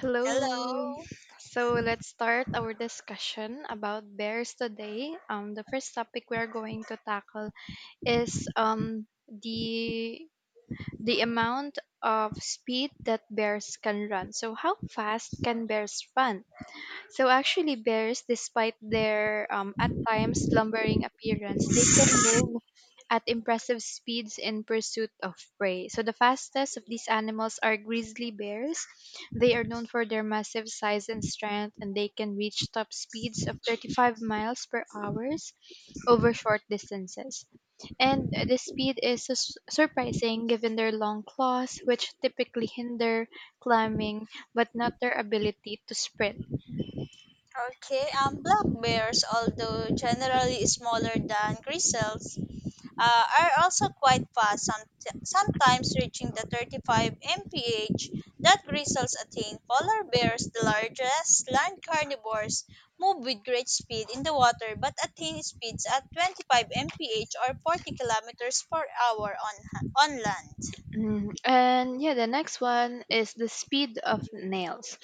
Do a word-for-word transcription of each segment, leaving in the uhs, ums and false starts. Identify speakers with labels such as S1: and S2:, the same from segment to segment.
S1: Hello.
S2: Hello.
S1: So let's start our discussion about bears today. Um, the first topic we are going to tackle is um the the amount of speed that bears can run. So how fast can bears run? So actually, bears, despite their um, at times slumbering appearance, they can move at impressive speeds in pursuit of prey. So the fastest of these animals are grizzly bears. They are known for their massive size and strength, and they can reach top speeds of thirty-five miles per hour over short distances. And this speed is sus- surprising given their long claws, which typically hinder climbing but not their ability to sprint.
S2: Okay, um, black bears, although generally smaller than grizzlies, uh, are also quite fast, some, sometimes reaching the thirty-five miles per hour that grizzlies attain. Polar bears, the largest land carnivores, move with great speed in the water but attain speeds at twenty-five miles per hour or forty kilometers per hour on, on land.
S1: Mm, and yeah, the next one is the speed of nails.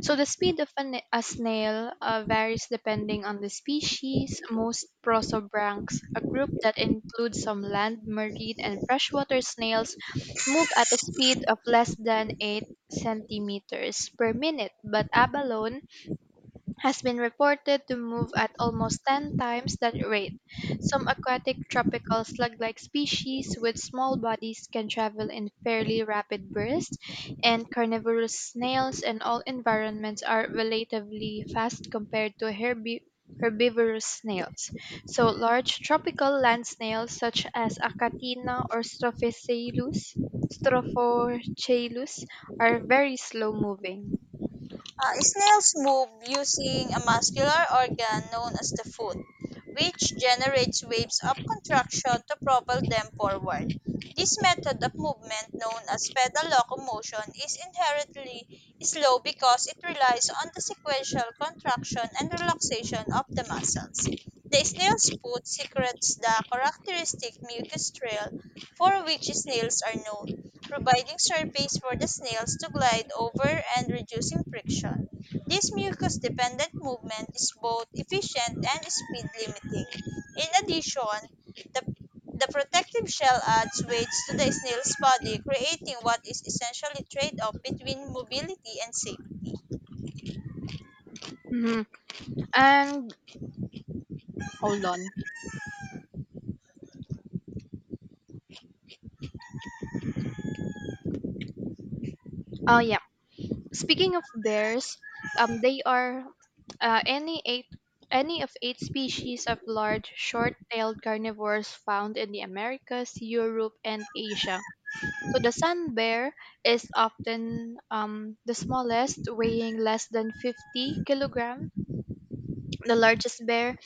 S1: So the speed of a, na- a snail uh, varies depending on the species. Most prosobranchs, a group that includes some land, marine, and freshwater snails, move at a speed of less than eight centimeters per minute, but abalone has been reported to move at almost ten times that rate. Some aquatic tropical slug-like species with small bodies can travel in fairly rapid bursts, and carnivorous snails in all environments are relatively fast compared to herbi- herbivorous snails. So large tropical land snails such as Acatina or Strophiceilus Strophochailus are very slow moving.
S2: Uh, snails move using a muscular organ known as the foot, which generates waves of contraction to propel them forward. This method of movement, known as pedal locomotion, is inherently slow because it relies on the sequential contraction and relaxation of the muscles. The snail's foot secretes the characteristic mucus trail for which snails are known, providing surface for the snails to glide over and reducing friction. This mucus dependent movement is both efficient and speed limiting. In addition, the, the protective shell adds weight to the snail's body, creating what is essentially a trade off between mobility and safety.
S1: Mhm. And hold on. Oh yeah. Speaking of bears, um, they are uh, any eight any of eight species of large short-tailed carnivores found in the Americas, Europe, and Asia. So the sun bear is often um, the smallest, weighing less than fifty kilograms. The largest bear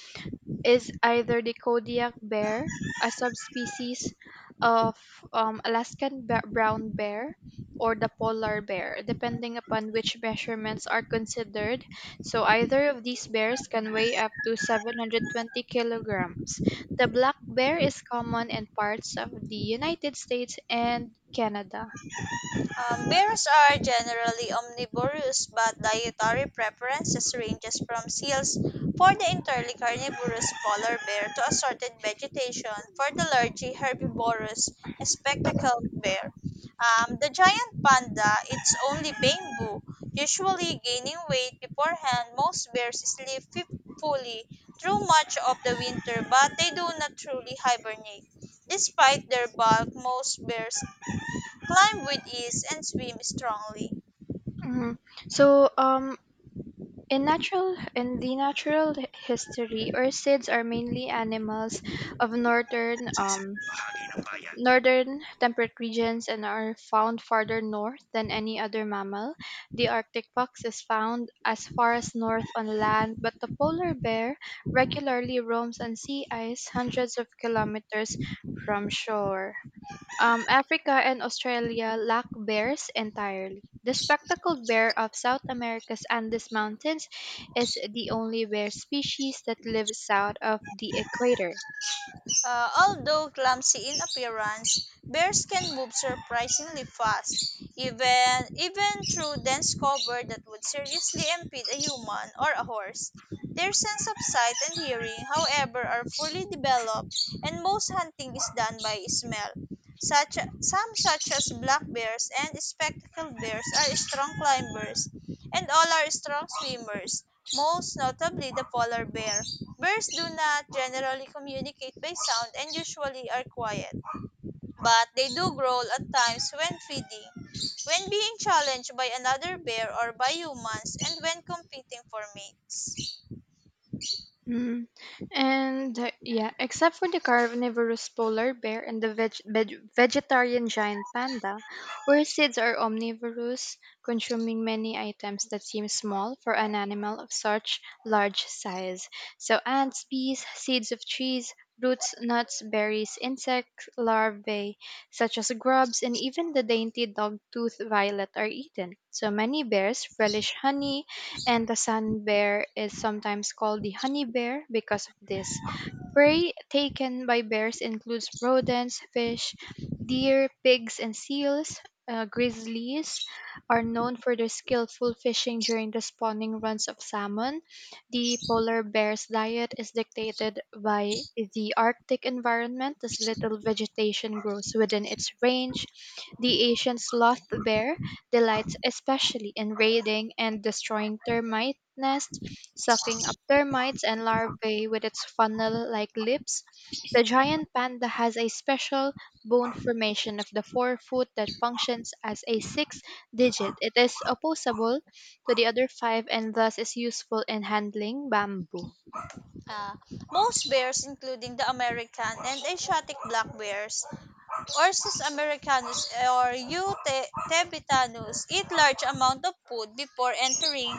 S1: is either the Kodiak bear, a subspecies of um, Alaskan ba- brown bear, or the polar bear, depending upon which measurements are considered. So either of these bears can weigh up to seven hundred twenty kilograms. The black bear is common in parts of the United States and Canada.
S2: Um, bears are generally omnivorous, but dietary preferences ranges from seals for the entirely carnivorous polar bear to assorted vegetation for the largely herbivorous spectacled bear. Um, the giant panda eats only bamboo, usually gaining weight beforehand. Most bears sleep fi- fully through much of the winter, but they do not truly hibernate. Despite their bulk, most bears climb with ease, and swim strongly.
S1: Mhm. So, um, in natural in the natural h- history, ursids are mainly animals of northern um, Northern temperate regions and are found farther north than any other mammal. The Arctic fox is found as far as north on land, but the polar bear regularly roams on sea ice hundreds of kilometers from shore. Um, Africa and Australia lack bears entirely. The spectacled bear of South America's Andes Mountains is the only bear species that lives south of the equator.
S2: Uh, although clumsy in appearance, bears can move surprisingly fast, even even through dense cover that would seriously impede a human or a horse. Their sense of sight and hearing, however, are fully developed, and most hunting is done by smell. Such, some such as black bears and spectacled bears are strong climbers, and all are strong swimmers, most notably the polar bear. Birds do not generally communicate by sound and usually are quiet, but they do growl at times when feeding, when being challenged by another bear or by humans, and when competing for mates.
S1: Mm. And uh, yeah, except for the carnivorous polar bear and the veg- veg- vegetarian giant panda, orchids are omnivorous, consuming many items that seem small for an animal of such large size. So ants, bees, seeds of trees, roots, nuts, berries, insect larvae such as grubs, and even the dainty dog-toothed violet are eaten. So many bears relish honey, and the sun bear is sometimes called the honey bear because of this. Prey taken by bears includes rodents, fish, deer, pigs, and seals. Uh, grizzlies are known for their skillful fishing during the spawning runs of salmon. The polar bear's diet is dictated by the Arctic environment, as little vegetation grows within its range. The Asian sloth bear delights especially in raiding and destroying termite nests, sucking up termites and larvae with its funnel-like lips. The giant panda has a special bone formation of the forefoot that functions as a sixth digit. It is opposable to the other five and thus is useful in handling bamboo.
S2: Ah, most bears, including the American and Asiatic black bears, Ursus americanus or U. te- tebitanus, eat large amount of food before entering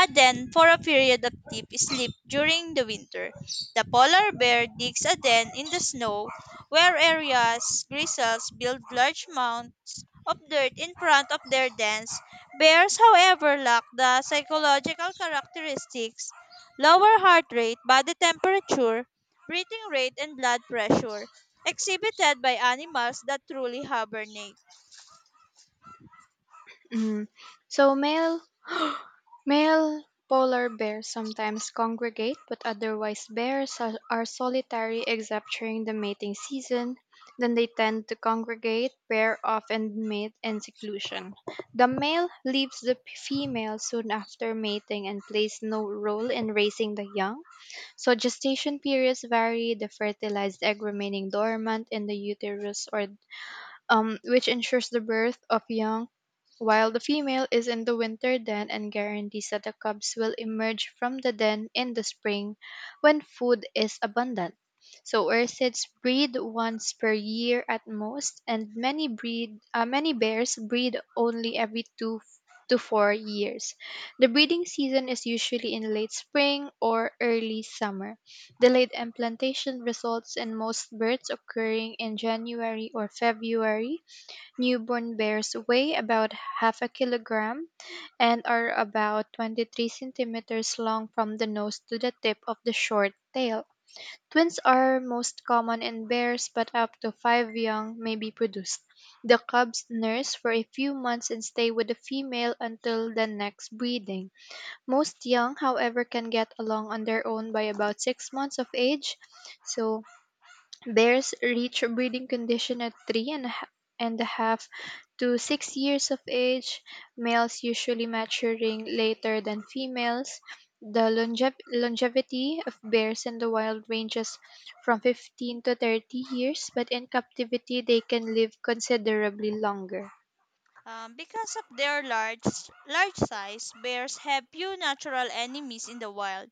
S2: a den for a period of deep sleep during the winter. The polar bear digs a den in the snow where areas grizzles build large mounds of dirt in front of their dens. Bears, however, lack the psychological characteristics, lower heart rate, body temperature, breathing rate, and blood pressure exhibited by animals that truly hibernate.
S1: Mm. So male Male polar bears sometimes congregate, but otherwise bears are, are solitary except during the mating season. Then they tend to congregate, pair off, and mate in seclusion. The male leaves the p- female soon after mating and plays no role in raising the young. So gestation periods vary, the fertilized egg remaining dormant in the uterus or um, which ensures the birth of young, while the female is in the winter den and guarantees that the cubs will emerge from the den in the spring when food is abundant. So ursids breed once per year at most, and many breed uh, many bears breed only every two to four years. The breeding season is usually in late spring or early summer. Delayed implantation results in most births occurring in January or February. Newborn bears weigh about half a kilogram and are about twenty-three centimeters long from the nose to the tip of the short tail. Twins are most common in bears, but up to five young may be produced. The cubs nurse for a few months and stay with the female until the next breeding. Most young, however, can get along on their own by about six months of age. So bears reach a breeding condition at three and a ha- and a half to six years of age, males usually maturing later than females. The longev- longevity of bears in the wild ranges from fifteen to thirty years, but in captivity they can live considerably longer.
S2: Um, because of their large large size, bears have few natural enemies in the wild.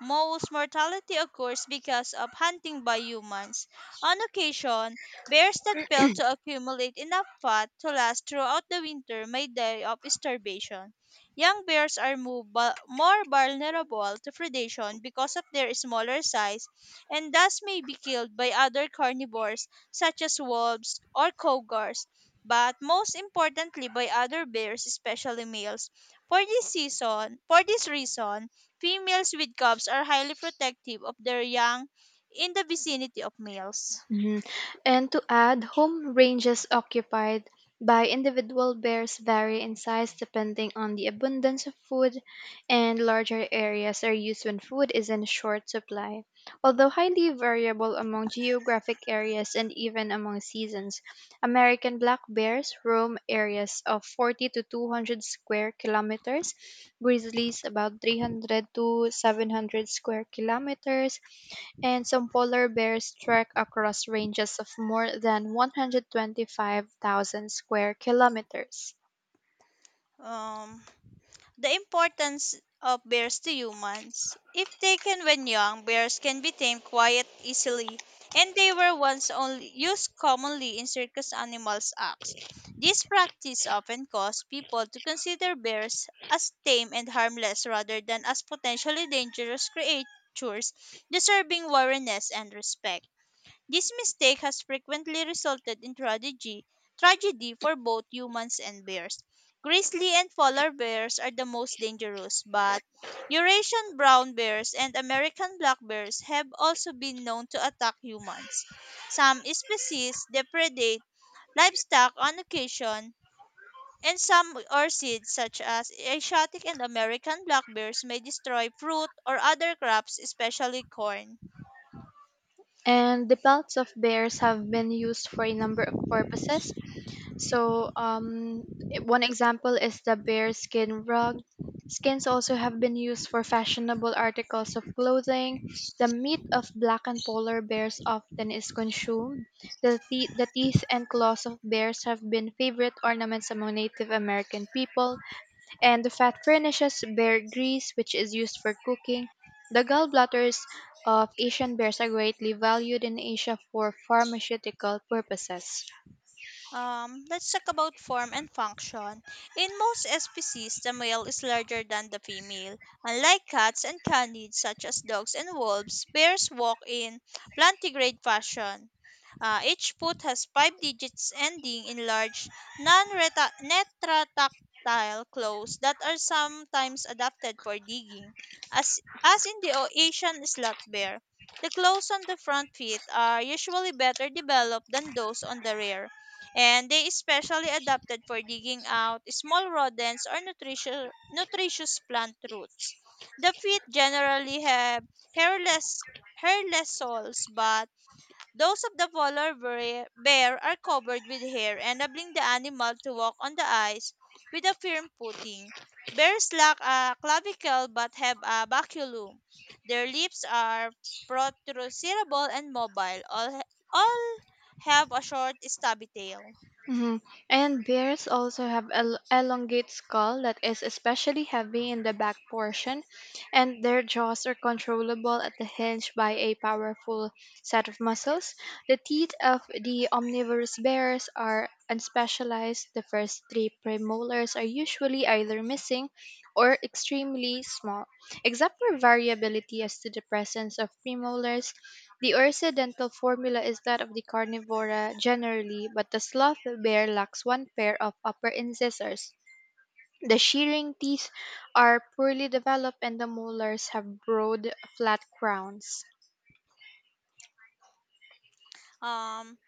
S2: Most mortality occurs because of hunting by humans. On occasion, bears that fail to accumulate enough fat to last throughout the winter may die of starvation. Young bears are mo- bu- more vulnerable to predation because of their smaller size and thus may be killed by other carnivores such as wolves or cougars, but most importantly by other bears, especially males. For this season, for this reason, females with cubs are highly protective of their young in the vicinity of males.
S1: Mhm. And to add, home ranges occupied by individual bears vary in size depending on the abundance of food, and larger areas are used when food is in short supply. Although highly variable among geographic areas and even among seasons, American black bears roam areas of forty to two hundred square kilometers, grizzlies about three hundred to seven hundred square kilometers, and some polar bears trek across ranges of more than one hundred twenty-five thousand square kilometers.
S2: Um, the importance of bears to humans. If taken when young, bears can be tamed quite easily, and they were once only used commonly in circus animals acts. This practice often caused people to consider bears as tame and harmless rather than as potentially dangerous creatures deserving awareness and respect. This mistake has frequently resulted in tragedy, tragedy for both humans and bears. Grizzly and polar bears are the most dangerous, but Eurasian brown bears and American black bears have also been known to attack humans. Some species depredate livestock on occasion, and some orchids, such as Asiatic and American black bears, may destroy fruit or other crops, especially corn.
S1: And the pelts of bears have been used for a number of purposes. So, um, one example is the bear skin rug. Skins also have been used for fashionable articles of clothing. The meat of black and polar bears often is consumed. The, te- the teeth and claws of bears have been favorite ornaments among Native American people, and the fat furnishes bear grease, which is used for cooking. The gallbladders of Asian bears are greatly valued in Asia for pharmaceutical purposes.
S2: Um, let's talk about form and function. In most species, the male is larger than the female. Unlike cats and canids, such as dogs and wolves, bears walk in plantigrade fashion. Uh, each put has five digits ending in large, non-retractile claws that are sometimes adapted for digging, as, as in the O- Asian slot bear. The claws on the front feet are usually better developed than those on the rear, and they especially adapted for digging out small rodents or nutritious, nutritious plant roots. The feet generally have hairless hairless soles, but those of the polar bear bear are covered with hair, enabling the animal to walk on the ice with a firm footing. Bears lack a clavicle but have a baculum. Their lips are protrusible and mobile. All, all have a short, stubby tail.
S1: Mhm. And bears also have el- elongate skull that is especially heavy in the back portion, and their jaws are controllable at the hinge by a powerful set of muscles. The teeth of the omnivorous bears are unspecialized. The first three premolars are usually either missing or extremely small. Except for variability as to the presence of premolars, the Ursidental formula is that of the Carnivora generally, but the Sloth bear lacks one pair of upper incisors. The shearing teeth are poorly developed and the molars have broad, flat crowns.
S2: Um,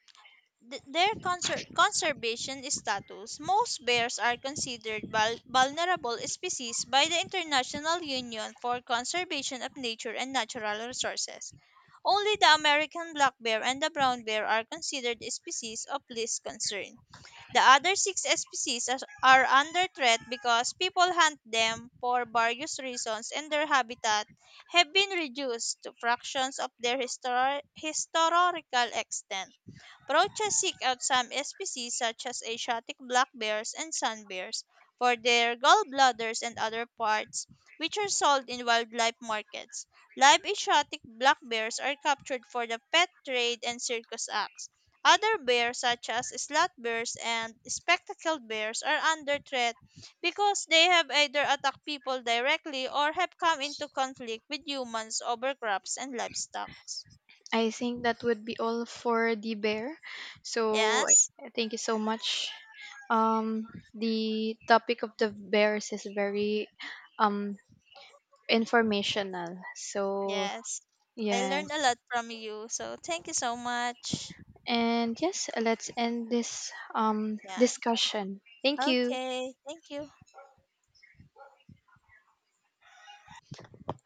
S2: th- their conser- conservation status, most bears are considered vul- vulnerable species by the International Union for Conservation of Nature and Natural Resources. Only the American black bear and the brown bear are considered species of least concern. The other six species are are under threat because people hunt them for various reasons and their habitat have been reduced to fractions of their histor- historical extent. Roaches seek out some species such as Asiatic black bears and sun bears for their gallbladders and other parts, which are sold in wildlife markets. Live Asiatic black bears are captured for the pet trade and circus acts. Other bears such as slot bears and spectacled bears are under threat because they have either attacked people directly or have come into conflict with humans over crops and livestock.
S1: I think that would be all for the bear. So
S2: Yes?
S1: I- thank you so much. Um, the topic of the bears is very um, informational. So
S2: Yes. I learned a
S1: yes.
S2: lot from you. So thank you so much.
S1: And yes, let's end this um,
S2: Yeah.
S1: discussion. Thank you.
S2: Okay. Thank you.